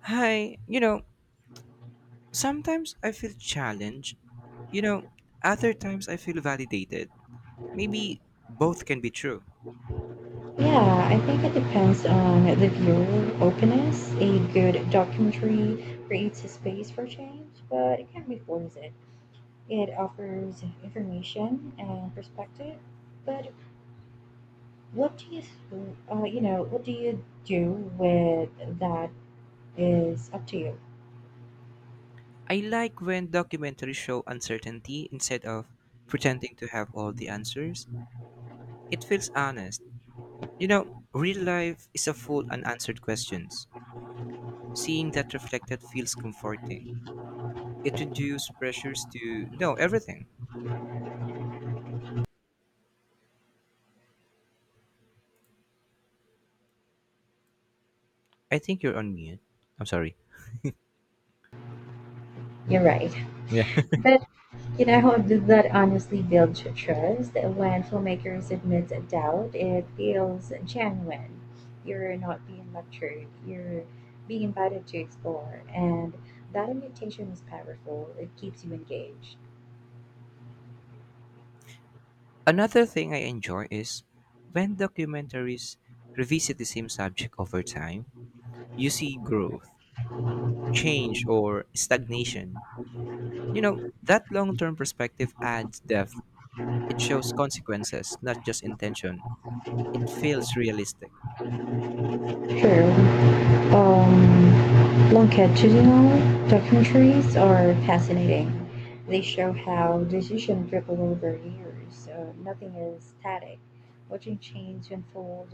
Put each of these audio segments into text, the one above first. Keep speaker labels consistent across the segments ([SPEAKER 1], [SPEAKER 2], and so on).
[SPEAKER 1] Hi, sometimes I feel challenged. You know, other times I feel validated. Maybe both can be true.
[SPEAKER 2] Yeah, I think it depends on the viewer openness. A good documentary creates a space for change, but it can be force. It offers information and perspective, but what do you, what do you do with that is up to you.
[SPEAKER 1] I like when documentaries show uncertainty instead of pretending to have all the answers. It feels honest. Real life is a full unanswered questions. Seeing that reflected feels comforting. It reduces pressures to know everything. I think you're on mute. I'm sorry.
[SPEAKER 2] You're right.
[SPEAKER 1] Yeah.
[SPEAKER 2] That honestly builds trust. When filmmakers admit a doubt, it feels genuine. You're not being lectured, you're being invited to explore. And that invitation is powerful, it keeps you engaged.
[SPEAKER 1] Another thing I enjoy is when documentaries revisit the same subject over time, you see growth, change, or stagnation. That long term perspective adds depth. It shows consequences, not just intention. It feels realistic.
[SPEAKER 2] True. Longitudinal documentaries are fascinating. They show how decisions ripple over years, so nothing is static. Watching change unfold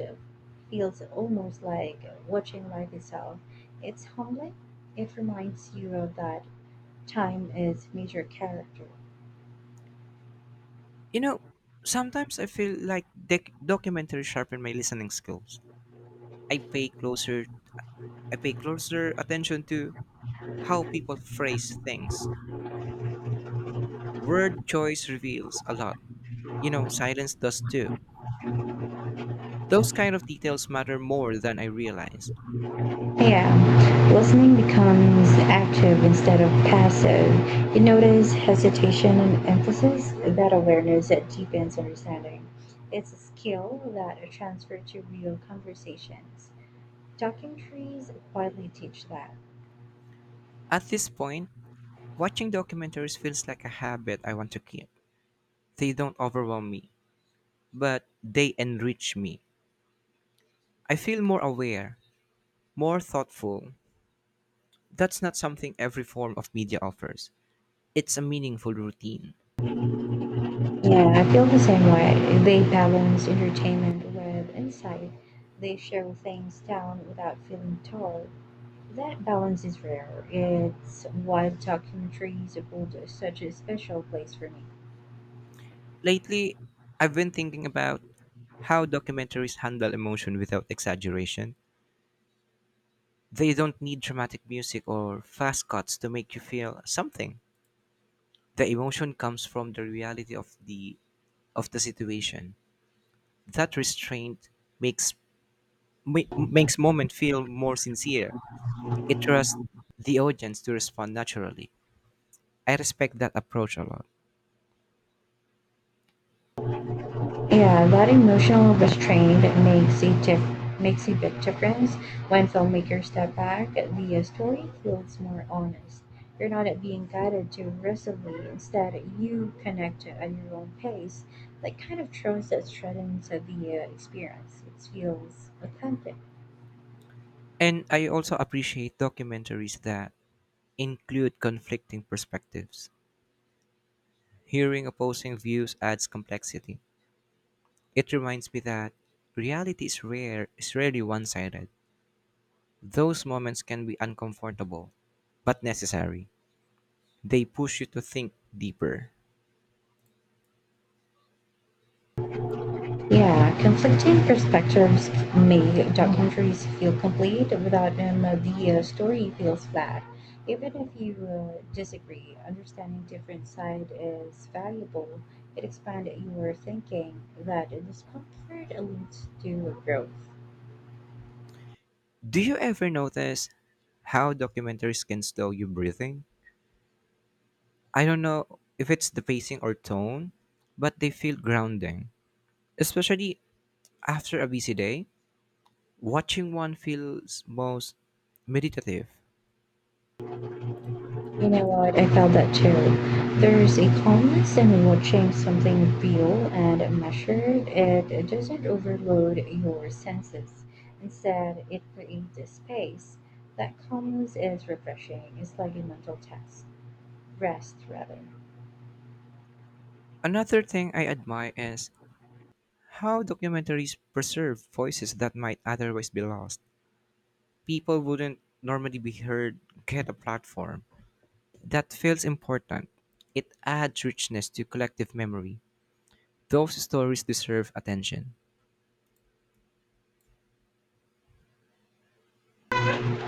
[SPEAKER 2] feels almost like watching life itself. It's humbling. It reminds you of that time is major character.
[SPEAKER 1] You know, sometimes I feel like documentaries sharpen my listening skills. I pay closer I pay closer attention to how people phrase things. Word choice reveals a lot. Silence does too. Those kind of details matter more than I realized.
[SPEAKER 2] Yeah, listening becomes active instead of passive. You notice hesitation and emphasis. That awareness that deepens understanding. It's a skill that transfers to real conversations. Talking trees quietly teach that.
[SPEAKER 1] At this point, watching documentaries feels like a habit I want to keep. They don't overwhelm me, but they enrich me. I feel more aware, more thoughtful. That's not something every form of media offers. It's a meaningful routine.
[SPEAKER 2] Yeah, I feel the same way. They balance entertainment with insight. They show things down without feeling tall. That balance is rare. It's why talking trees hold such a special place for me.
[SPEAKER 1] Lately, I've been thinking about how documentaries handle emotion without exaggeration. They don't need dramatic music or fast cuts to make you feel something. The emotion comes from the reality of the situation. That restraint makes makes moment feel more sincere. It trusts the audience to respond naturally. I respect that approach a lot.
[SPEAKER 2] Yeah, that emotional restraint makes a big difference when filmmakers step back. The story feels more honest. You're not being guided too aggressively. Instead, you connect at your own pace. That kind of trust that strengthens the experience. It feels authentic.
[SPEAKER 1] And I also appreciate documentaries that include conflicting perspectives. Hearing opposing views adds complexity. It reminds me that reality is rarely one-sided. Those moments can be uncomfortable, but necessary. They push you to think deeper.
[SPEAKER 2] Yeah, conflicting perspectives make documentaries feel complete. Without them, the story feels flat. Even if you disagree, understanding different side is valuable. It expands your thinking. That discomfort leads to growth.
[SPEAKER 1] Do you ever notice how documentaries can slow you breathing? I don't know if it's the pacing or tone, but they feel grounding. Especially after a busy day, watching one feels most meditative.
[SPEAKER 2] You know what? I felt that too. There's a calmness in watching something real and measured. It doesn't overload your senses. Instead, it creates a space. That calmness is refreshing. It's like a mental test. Rest, rather.
[SPEAKER 1] Another thing I admire is how documentaries preserve voices that might otherwise be lost. People wouldn't normally be heard get a platform. That feels important. It adds richness to collective memory. Those stories deserve attention.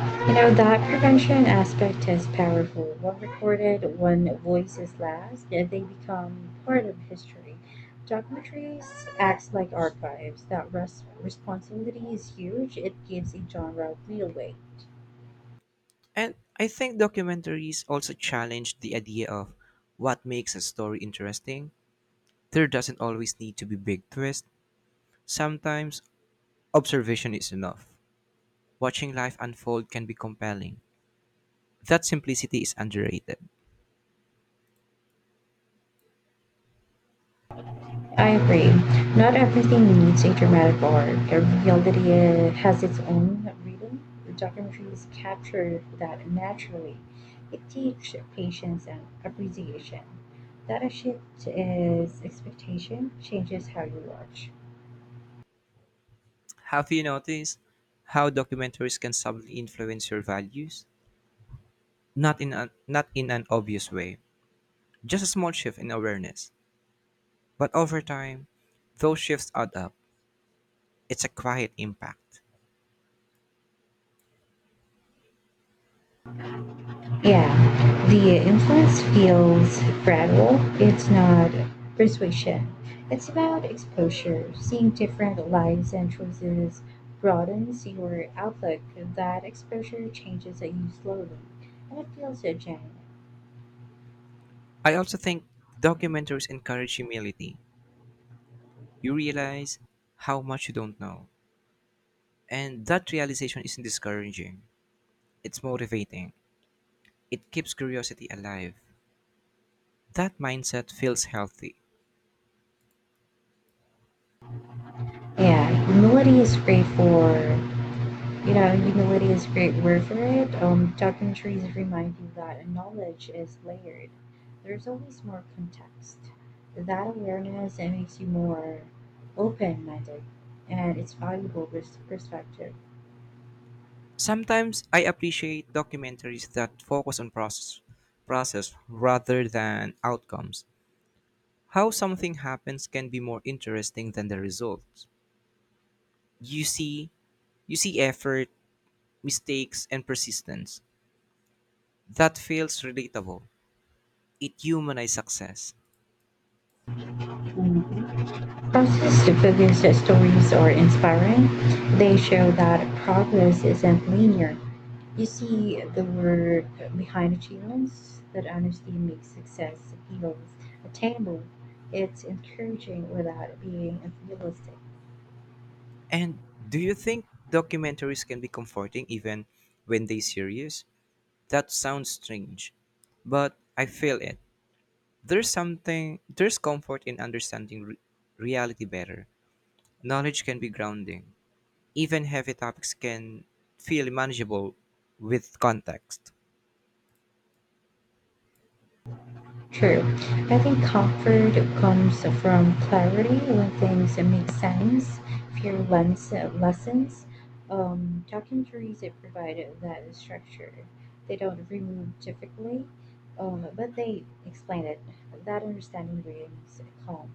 [SPEAKER 2] You know, that prevention aspect is powerful. One recorded, one voices last, and they become part of history. Documentaries acts like archives. Responsibility is huge. It gives a genre real weight.
[SPEAKER 1] And I think documentaries also challenge the idea of what makes a story interesting. There doesn't always need to be big twist. Sometimes observation is enough. Watching life unfold can be compelling. That simplicity is underrated.
[SPEAKER 2] I agree. Not everything needs a dramatic arc. Every reality has its own rhythm. Documentaries capture that naturally. It teaches patience and appreciation. That a shift is expectation changes how you watch.
[SPEAKER 1] Have you noticed how documentaries can subtly influence your values? Not in an obvious way. Just a small shift in awareness. But over time, those shifts add up. It's a quiet impact.
[SPEAKER 2] Yeah, the influence feels gradual. It's not persuasion. It's about exposure. Seeing different lives and choices broadens your outlook. That exposure changes you slowly, and it feels genuine.
[SPEAKER 1] I also think documentaries encourage humility. You realize how much you don't know. And that realization isn't discouraging, it's motivating. It keeps curiosity alive. That mindset feels healthy.
[SPEAKER 2] Yeah, humility is great for You know, humility is a great word for it. Talking trees remind you that knowledge is layered. There's always more context. That awareness it makes you more open-minded, and it's valuable perspective.
[SPEAKER 1] Sometimes I appreciate documentaries that focus on process rather than outcomes. How something happens can be more interesting than the results. You see, you see, effort, mistakes, and persistence. That feels relatable. It humanizes success.
[SPEAKER 2] Process to figures that stories are inspiring. They show that progress isn't linear. You see the word behind achievements that honestly makes success feels attainable. It's encouraging without being unrealistic.
[SPEAKER 1] And do you think documentaries can be comforting even when they serious? That sounds strange, but I feel it. There's comfort in understanding reality better. Knowledge can be grounding. Even heavy topics can feel manageable with context.
[SPEAKER 2] True. I think comfort comes from clarity when things make sense, fewer lens, lessons. Documentaries that provide that structure. They don't remove difficulty, but they explain it. That understanding brings calm.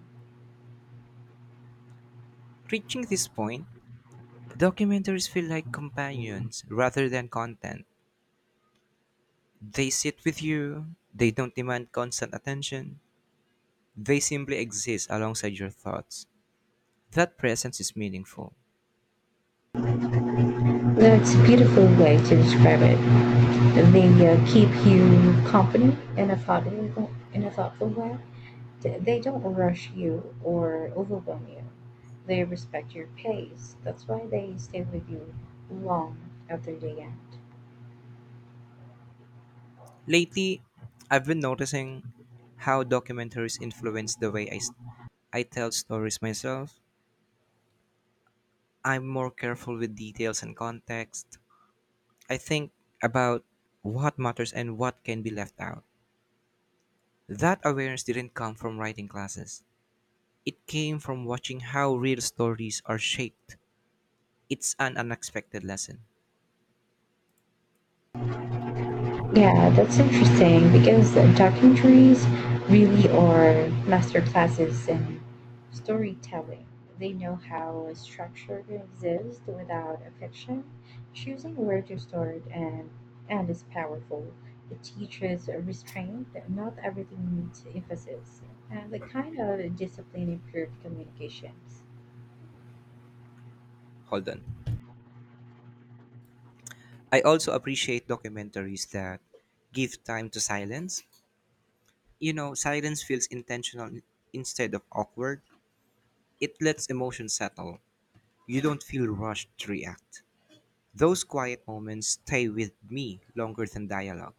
[SPEAKER 1] Reaching this point, documentaries feel like companions rather than content. They sit with you, they don't demand constant attention. They simply exist alongside your thoughts. That presence is meaningful.
[SPEAKER 2] That's a beautiful way to describe it. They keep you company in a thoughtful way. They don't rush you or overwhelm you. They respect your pace. That's why they stay with you long after the end.
[SPEAKER 1] Lately, I've been noticing how documentaries influence the way I tell stories myself. I'm more careful with details and context. I think about what matters and what can be left out. That awareness didn't come from writing classes. It came from watching how real stories are shaped. It's an unexpected lesson.
[SPEAKER 2] Yeah, that's interesting because documentaries really are masterclasses in storytelling. They know how a structure exists without a fiction. Choosing where to start and is powerful. It teaches restraint. Not everything needs emphasis, and the kind of discipline improved communications.
[SPEAKER 1] Hold on. I also appreciate documentaries that give time to silence. Silence feels intentional instead of awkward. It lets emotion settle. You don't feel rushed to react. Those quiet moments stay with me longer than dialogue.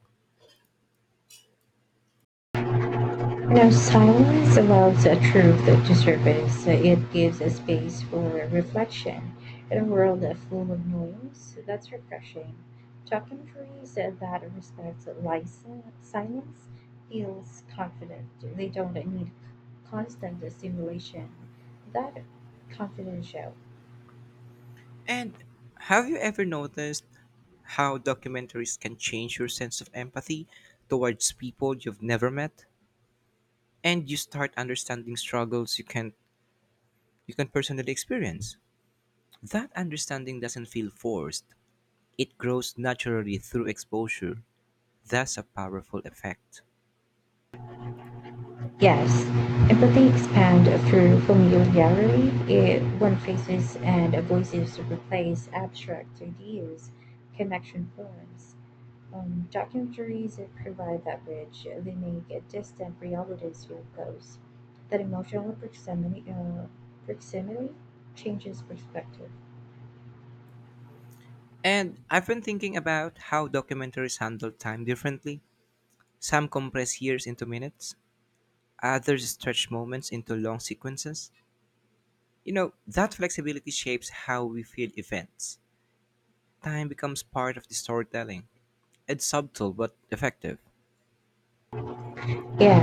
[SPEAKER 2] Now, silence allows a truth to surface. It gives a space for reflection in a world full of noise. That's refreshing. Talking trees that respect license, silence feels confident. They don't need constant stimulation. That confidence shows.
[SPEAKER 1] And have you ever noticed how documentaries can change your sense of empathy towards people you've never met, and you start understanding struggles you can personally experience. That understanding doesn't feel forced. It grows naturally through exposure. That's a powerful effect.
[SPEAKER 2] Yes, empathy expands through familiarity. It, when faces and voices replace abstract ideas, connection forms. Documentaries provide that bridge. They make distant realities feel close. That emotional proximity changes perspective.
[SPEAKER 1] And I've been thinking about how documentaries handle time differently. Some compress years into minutes, others stretch moments into long sequences. That flexibility shapes how we feel events. Time becomes part of the storytelling. It's subtle but effective.
[SPEAKER 2] Yeah,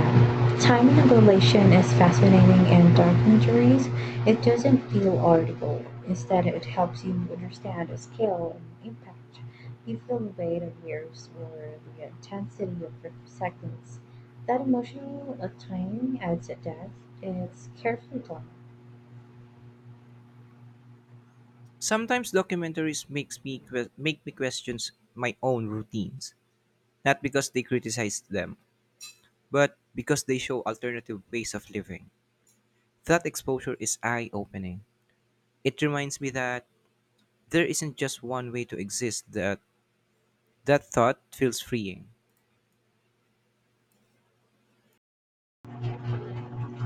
[SPEAKER 2] time dilation is fascinating in documentaries. It doesn't feel audible. Instead, it helps you understand the scale and impact. You feel the weight of years or the intensity of seconds. That emotional timing adds a depth. It's carefully done.
[SPEAKER 1] Sometimes documentaries make me question my own routines, not because they criticize them, but because they show alternative ways of living. That exposure is eye opening. It reminds me that there isn't just one way to exist, that thought feels freeing.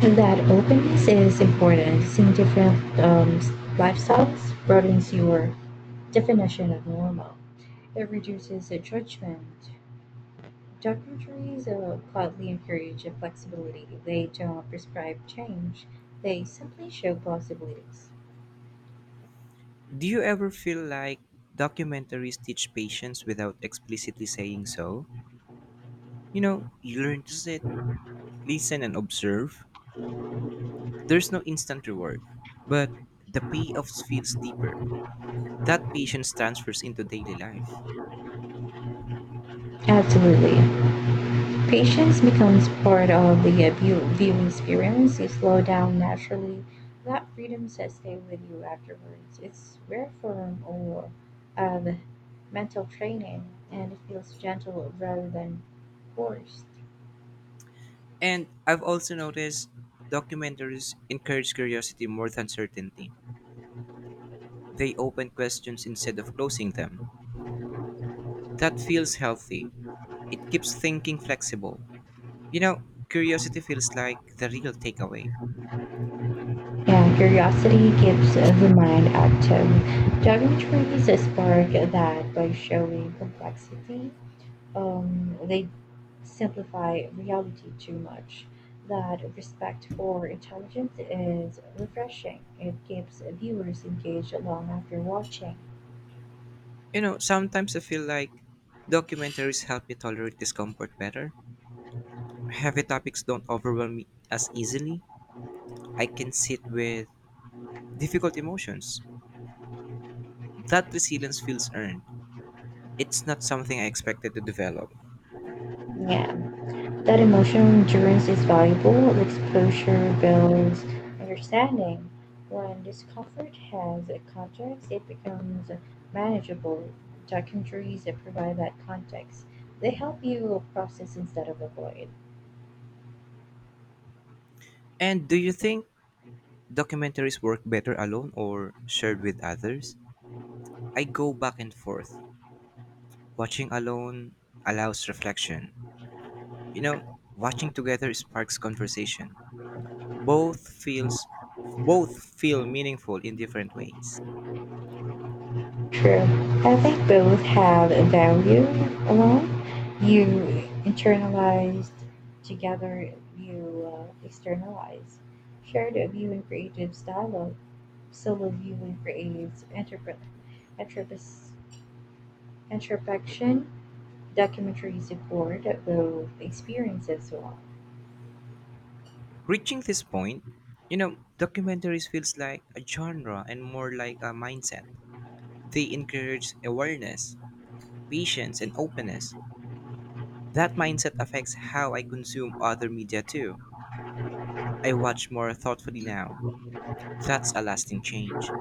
[SPEAKER 2] And that openness is important. Seeing different lifestyles broadens your definition of normal. It reduces the judgment. Documentaries quietly encourage flexibility. They don't prescribe change, they simply show possibilities.
[SPEAKER 1] Do you ever feel like documentaries teach patience without explicitly saying so? You learn to sit, listen, and observe. There's no instant reward, but the payoff feels deeper. That patience transfers into daily life.
[SPEAKER 2] Absolutely. Patience becomes part of the viewing experience. You slow down naturally. That freedom sets stay with you afterwards. It's rare form or of mental training, and it feels gentle rather than forced.
[SPEAKER 1] And I've also noticed documentaries encourage curiosity more than certainty. They open questions instead of closing them. That feels healthy. It keeps thinking flexible. You know, curiosity feels like the real takeaway.
[SPEAKER 2] Yeah, curiosity keeps the mind active. Geometry is spark that, by showing complexity, they simplify reality too much. That respect for intelligence is refreshing. It keeps viewers engaged long after watching.
[SPEAKER 1] Sometimes I feel like documentaries help me tolerate discomfort better. Heavy topics don't overwhelm me as easily. I can sit with difficult emotions. That resilience feels earned. It's not something I expected to develop.
[SPEAKER 2] Yeah. That emotional endurance is valuable. Exposure builds understanding. When discomfort has a context, it becomes manageable. Documentaries that provide that context, they help you process instead of avoid.
[SPEAKER 1] And do you think documentaries work better alone or shared with others? I go back and forth. Watching alone allows reflection. You know, watching together sparks conversation. Both feels both feel meaningful in different ways.
[SPEAKER 2] True. I think both have a value alone. You internalized, together you externalize. Shared viewing creates dialogue. Solo viewing creates introspection. Documentaries record both experiences well.
[SPEAKER 1] Reaching this point, documentaries feels like a genre and more like a mindset. They encourage awareness, patience, and openness. That mindset affects how I consume other media too. I watch more thoughtfully now. That's a lasting change.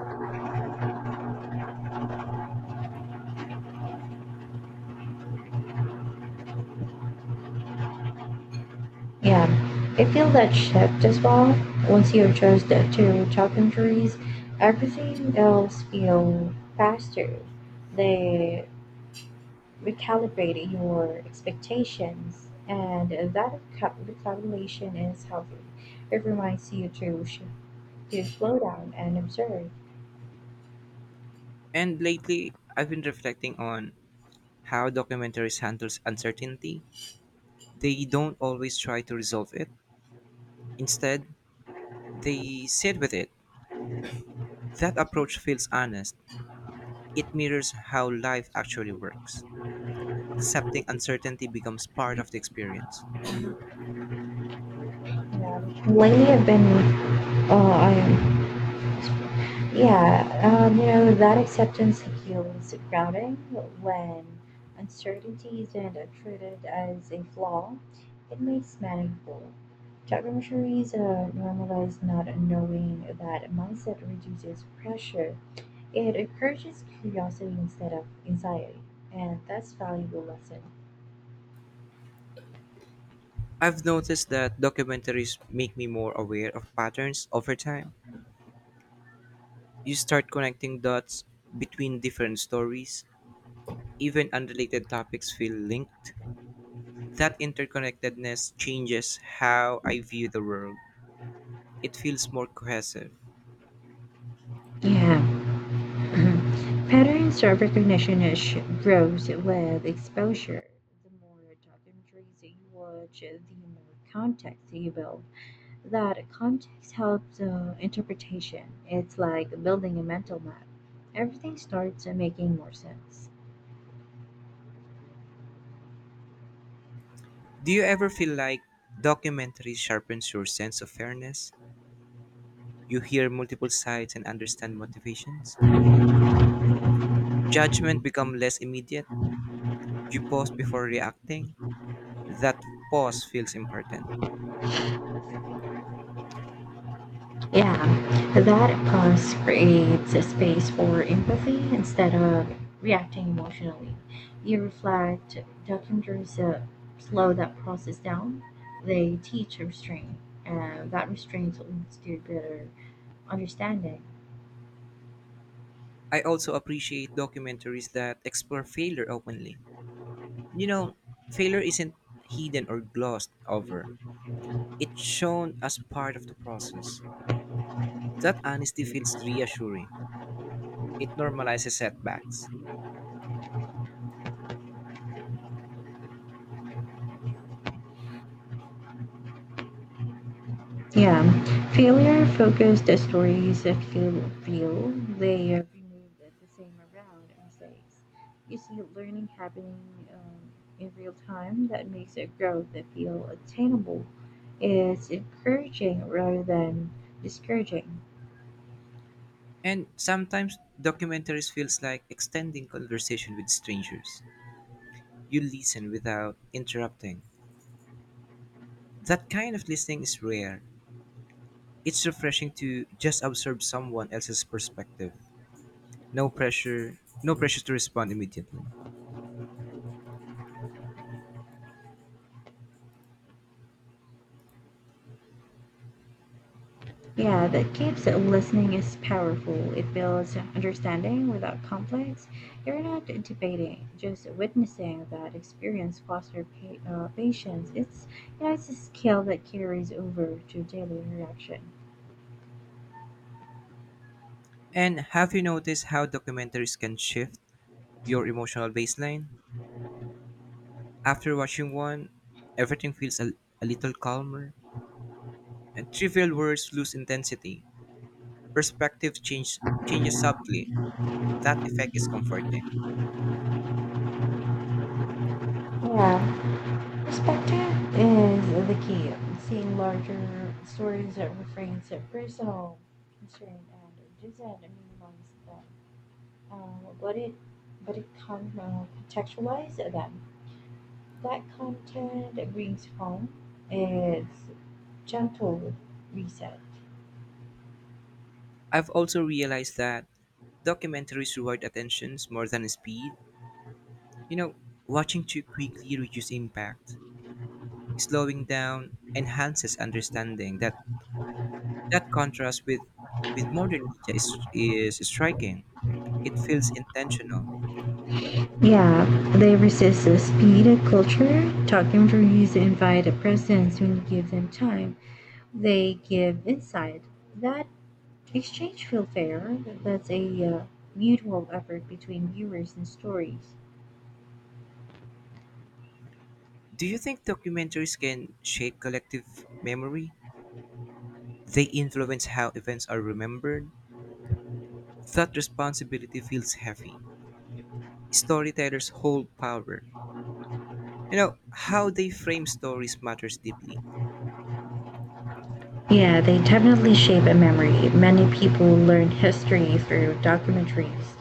[SPEAKER 2] Yeah, I feel that shift as well. Once you adjust to top injuries, everything else feels faster. They recalibrate your expectations, and that recalibration is healthy. It reminds you to slow down and observe.
[SPEAKER 1] And lately, I've been reflecting on how documentaries handles uncertainty. They don't always try to resolve it. Instead, they sit with it. That approach feels honest. It mirrors how life actually works. Accepting uncertainty becomes part of the experience.
[SPEAKER 2] Yeah. Lately, I've been I am Yeah, You know, that acceptance feels grounding when uncertainty isn't treated as a flaw. It makes manageable. Documentaries normalize not knowing that mindset reduces pressure. It encourages curiosity instead of anxiety, and that's valuable lesson.
[SPEAKER 1] I've noticed that documentaries make me more aware of patterns over time. You start connecting dots between different stories. Even unrelated topics feel linked. That interconnectedness changes how I view the world. It feels more cohesive.
[SPEAKER 2] Yeah. Mhm. Patterns of recognition grows with exposure. The more documentaries you watch, the more context you build. That context helps interpretation. It's like building a mental map. Everything starts making more sense.
[SPEAKER 1] Do you ever feel like documentary sharpens your sense of fairness? You hear multiple sides and understand motivations. Judgment become less immediate. You pause before reacting. That pause feels important.
[SPEAKER 2] Yeah, that pause creates a space for empathy instead of reacting emotionally. You reflect, documentaries slow that process down, they teach restraint, and that restraint leads to better understanding.
[SPEAKER 1] I also appreciate documentaries that explore failure openly. You know, failure isn't hidden or glossed over. It's shown as part of the process. That honesty feels reassuring. It normalizes setbacks.
[SPEAKER 2] Yeah, failure focused the stories that feel real. They remove the same around mistakes. You see learning happening um, in real time that makes a growth that feel attainable. It's encouraging rather than discouraging.
[SPEAKER 1] And sometimes documentaries feels like extending conversation with strangers. You listen without interrupting. That kind of listening is rare. It's refreshing to just observe someone else's perspective. No pressure to respond immediately.
[SPEAKER 2] Yeah, that keeps listening is powerful. It builds understanding without conflicts. You're not debating, just witnessing that experience foster patience. It's it's a skill that carries over to daily interaction.
[SPEAKER 1] And have you noticed how documentaries can shift your emotional baseline? After watching one, everything feels a little calmer, and trivial words lose intensity. Perspective changes subtly. That effect is comforting.
[SPEAKER 2] Yeah, perspective is the key. Seeing larger stories that refrains at personal concern and doesn't minimize them. Uh, but it but it can contextualize them. That content that brings home is gentle reset.
[SPEAKER 1] I've also realized that documentaries reward attentions more than speed. You know, watching too quickly reduces impact. Slowing down enhances understanding. That contrast with modern media is striking. It feels intentional.
[SPEAKER 2] Yeah, they resist the speed of culture. Talking reviews invite a presence when you give them time. They give insight. That exchange feel fair. That's a mutual effort between viewers and stories.
[SPEAKER 1] Do you think documentaries can shape collective memory? They influence how events are remembered. That responsibility feels heavy. Storytellers hold power. How they frame stories matters deeply.
[SPEAKER 2] Yeah, they definitely shape a memory. Many people learn history through documentaries.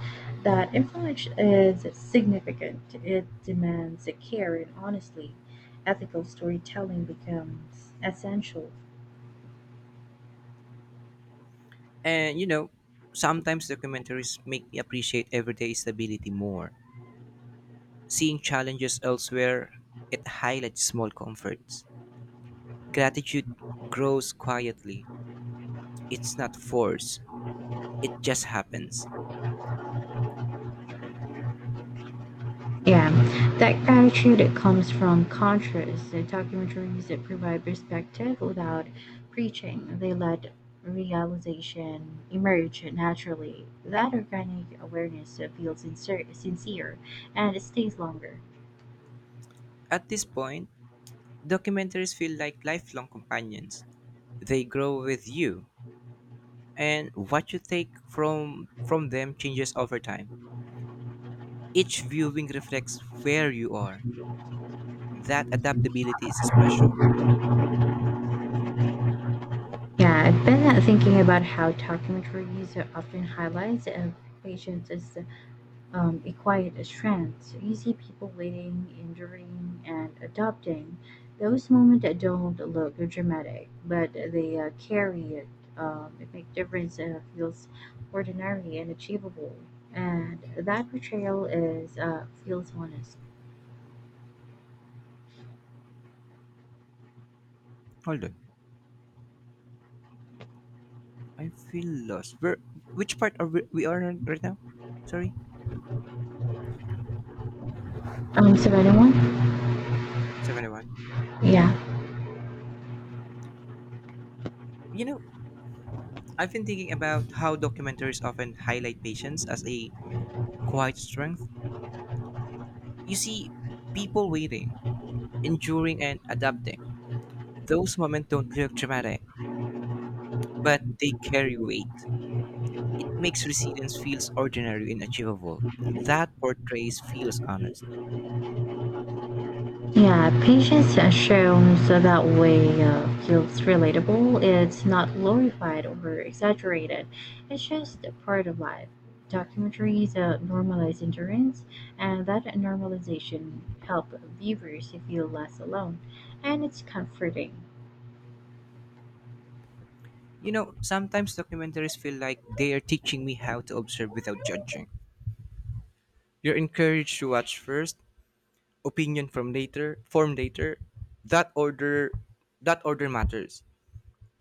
[SPEAKER 2] That influence is significant. It demands care and honesty. Ethical storytelling becomes essential.
[SPEAKER 1] And sometimes documentaries make me appreciate everyday stability more. Seeing challenges elsewhere, it highlights small comforts. Gratitude grows quietly. It's not forced, it just happens.
[SPEAKER 2] Yeah, that attitude it comes from contrast. The documentaries that provide perspective without preaching. They let realization emerge naturally. That organic awareness that feels sincere, and it stays longer.
[SPEAKER 1] At this point, documentaries feel like lifelong companions. They grow with you, and what you take from them changes over time. Each viewing reflects where you are. That adaptability is special.
[SPEAKER 2] Yeah, I've been thinking about how documentaries often highlights of patients as acquired a strength. So you see people waiting, enduring, and adopting. Those moments that don't look dramatic, but they carry it. It makes difference feels ordinary and achievable, and that portrayal is feels honest.
[SPEAKER 1] Hold on. I feel lost. Where? Which part we are on right now? Sorry,
[SPEAKER 2] So anyone?
[SPEAKER 1] 71.
[SPEAKER 2] Yeah.
[SPEAKER 1] You know, I've been thinking about how documentaries often highlight patience as a quiet strength. You see, people waiting, enduring, and adapting. Those moments don't look dramatic, but they carry weight. It makes resilience feels ordinary and achievable. That portrays feels honest.
[SPEAKER 2] Yeah, patience shown so that way feels relatable. It's not glorified or exaggerated. It's just a part of life. Documentaries normalize endurance, and that normalization help viewers feel less alone, and it's comforting.
[SPEAKER 1] Sometimes documentaries feel like they are teaching me how to observe without judging. You're encouraged to watch first, opinion from later formed later. That order that order matters.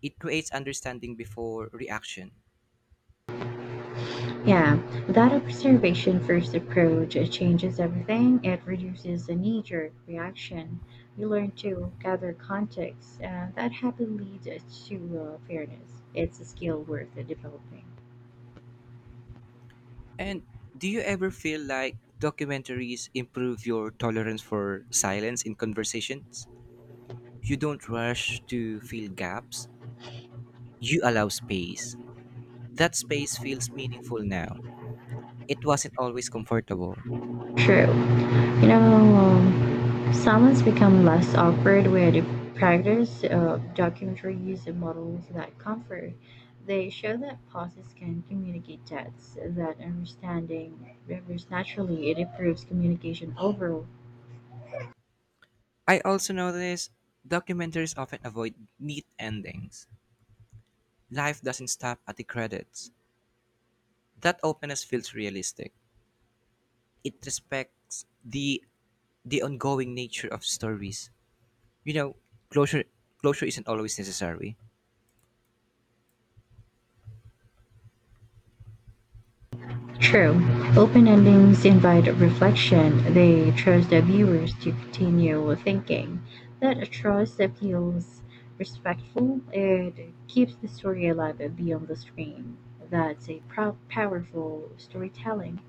[SPEAKER 1] It creates understanding before reaction.
[SPEAKER 2] Yeah, without a preservation-first approach, it changes everything. It reduces the knee-jerk reaction. You learn to gather context that happily leads to fairness. It's a skill worth developing.
[SPEAKER 1] And do you ever feel like documentaries improve your tolerance for silence in conversations? You don't rush to fill gaps. You allow space. That space feels meaningful now. It wasn't always comfortable.
[SPEAKER 2] True. You know, um, someone's become less awkward with practice documentaries and models that comfort. They show that pauses can communicate depths, that understanding rivers naturally. It improves communication overall.
[SPEAKER 1] I also notice documentaries often avoid neat endings. Life doesn't stop at the credits. That openness feels realistic. It respects the ongoing nature of stories. You know, closure closure isn't always necessary.
[SPEAKER 2] True, open endings invite reflection. They trust the viewers to continue thinking. That trust feels respectful. It keeps the story alive beyond the screen. That's a powerful storytelling.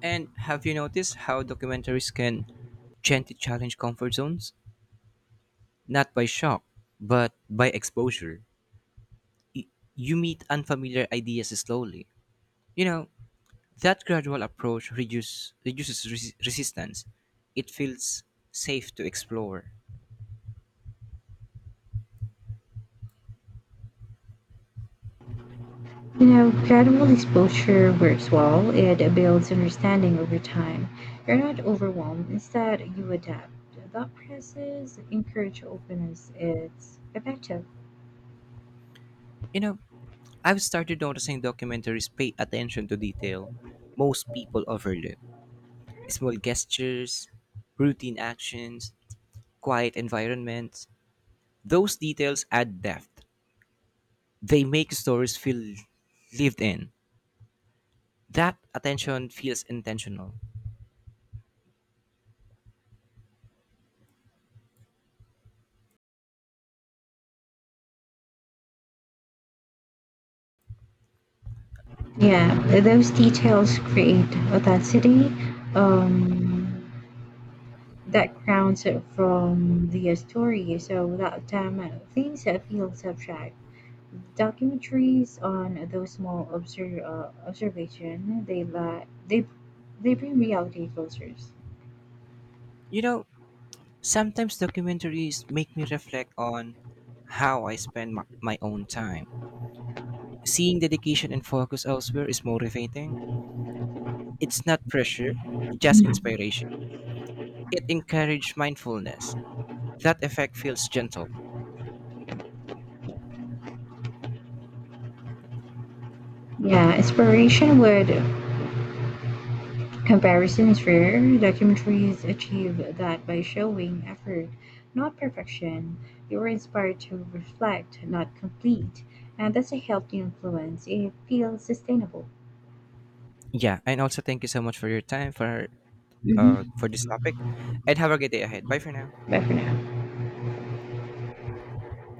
[SPEAKER 1] And have you noticed how documentaries can gently challenge comfort zones? Not by shock, but by exposure. Y- You meet unfamiliar ideas slowly. You know, that gradual approach reduces resistance. It feels safe to explore.
[SPEAKER 2] You know, gradual exposure works well. It builds understanding over time. You're not overwhelmed. Instead, you adapt. That process encourages openness. It's effective.
[SPEAKER 1] You know, I've started noticing documentaries pay attention to detail most people overlook. Small gestures, routine actions, quiet environments. Those details add depth. They make stories feel lived in. That attention feels intentional.
[SPEAKER 2] Yeah, those details create authenticity um, that grounds it from the story. So without them, things that feel subject. Documentaries on those small observation they they bring reality closer.
[SPEAKER 1] You know, sometimes documentaries make me reflect on how I spend my own time. Seeing dedication and focus elsewhere is motivating. It's not pressure, just inspiration. It encouraged mindfulness. That effect feels gentle.
[SPEAKER 2] Yeah, inspiration would Comparison is rare, documentaries achieve that by showing effort, not perfection. You are inspired to reflect, not complete, and that's a healthy influence. It feels sustainable.
[SPEAKER 1] Yeah, and also thank you so much for your time for uh,
[SPEAKER 2] Mhm.
[SPEAKER 1] for this topic, and have a good day ahead. Bye for now.
[SPEAKER 2] Bye for now.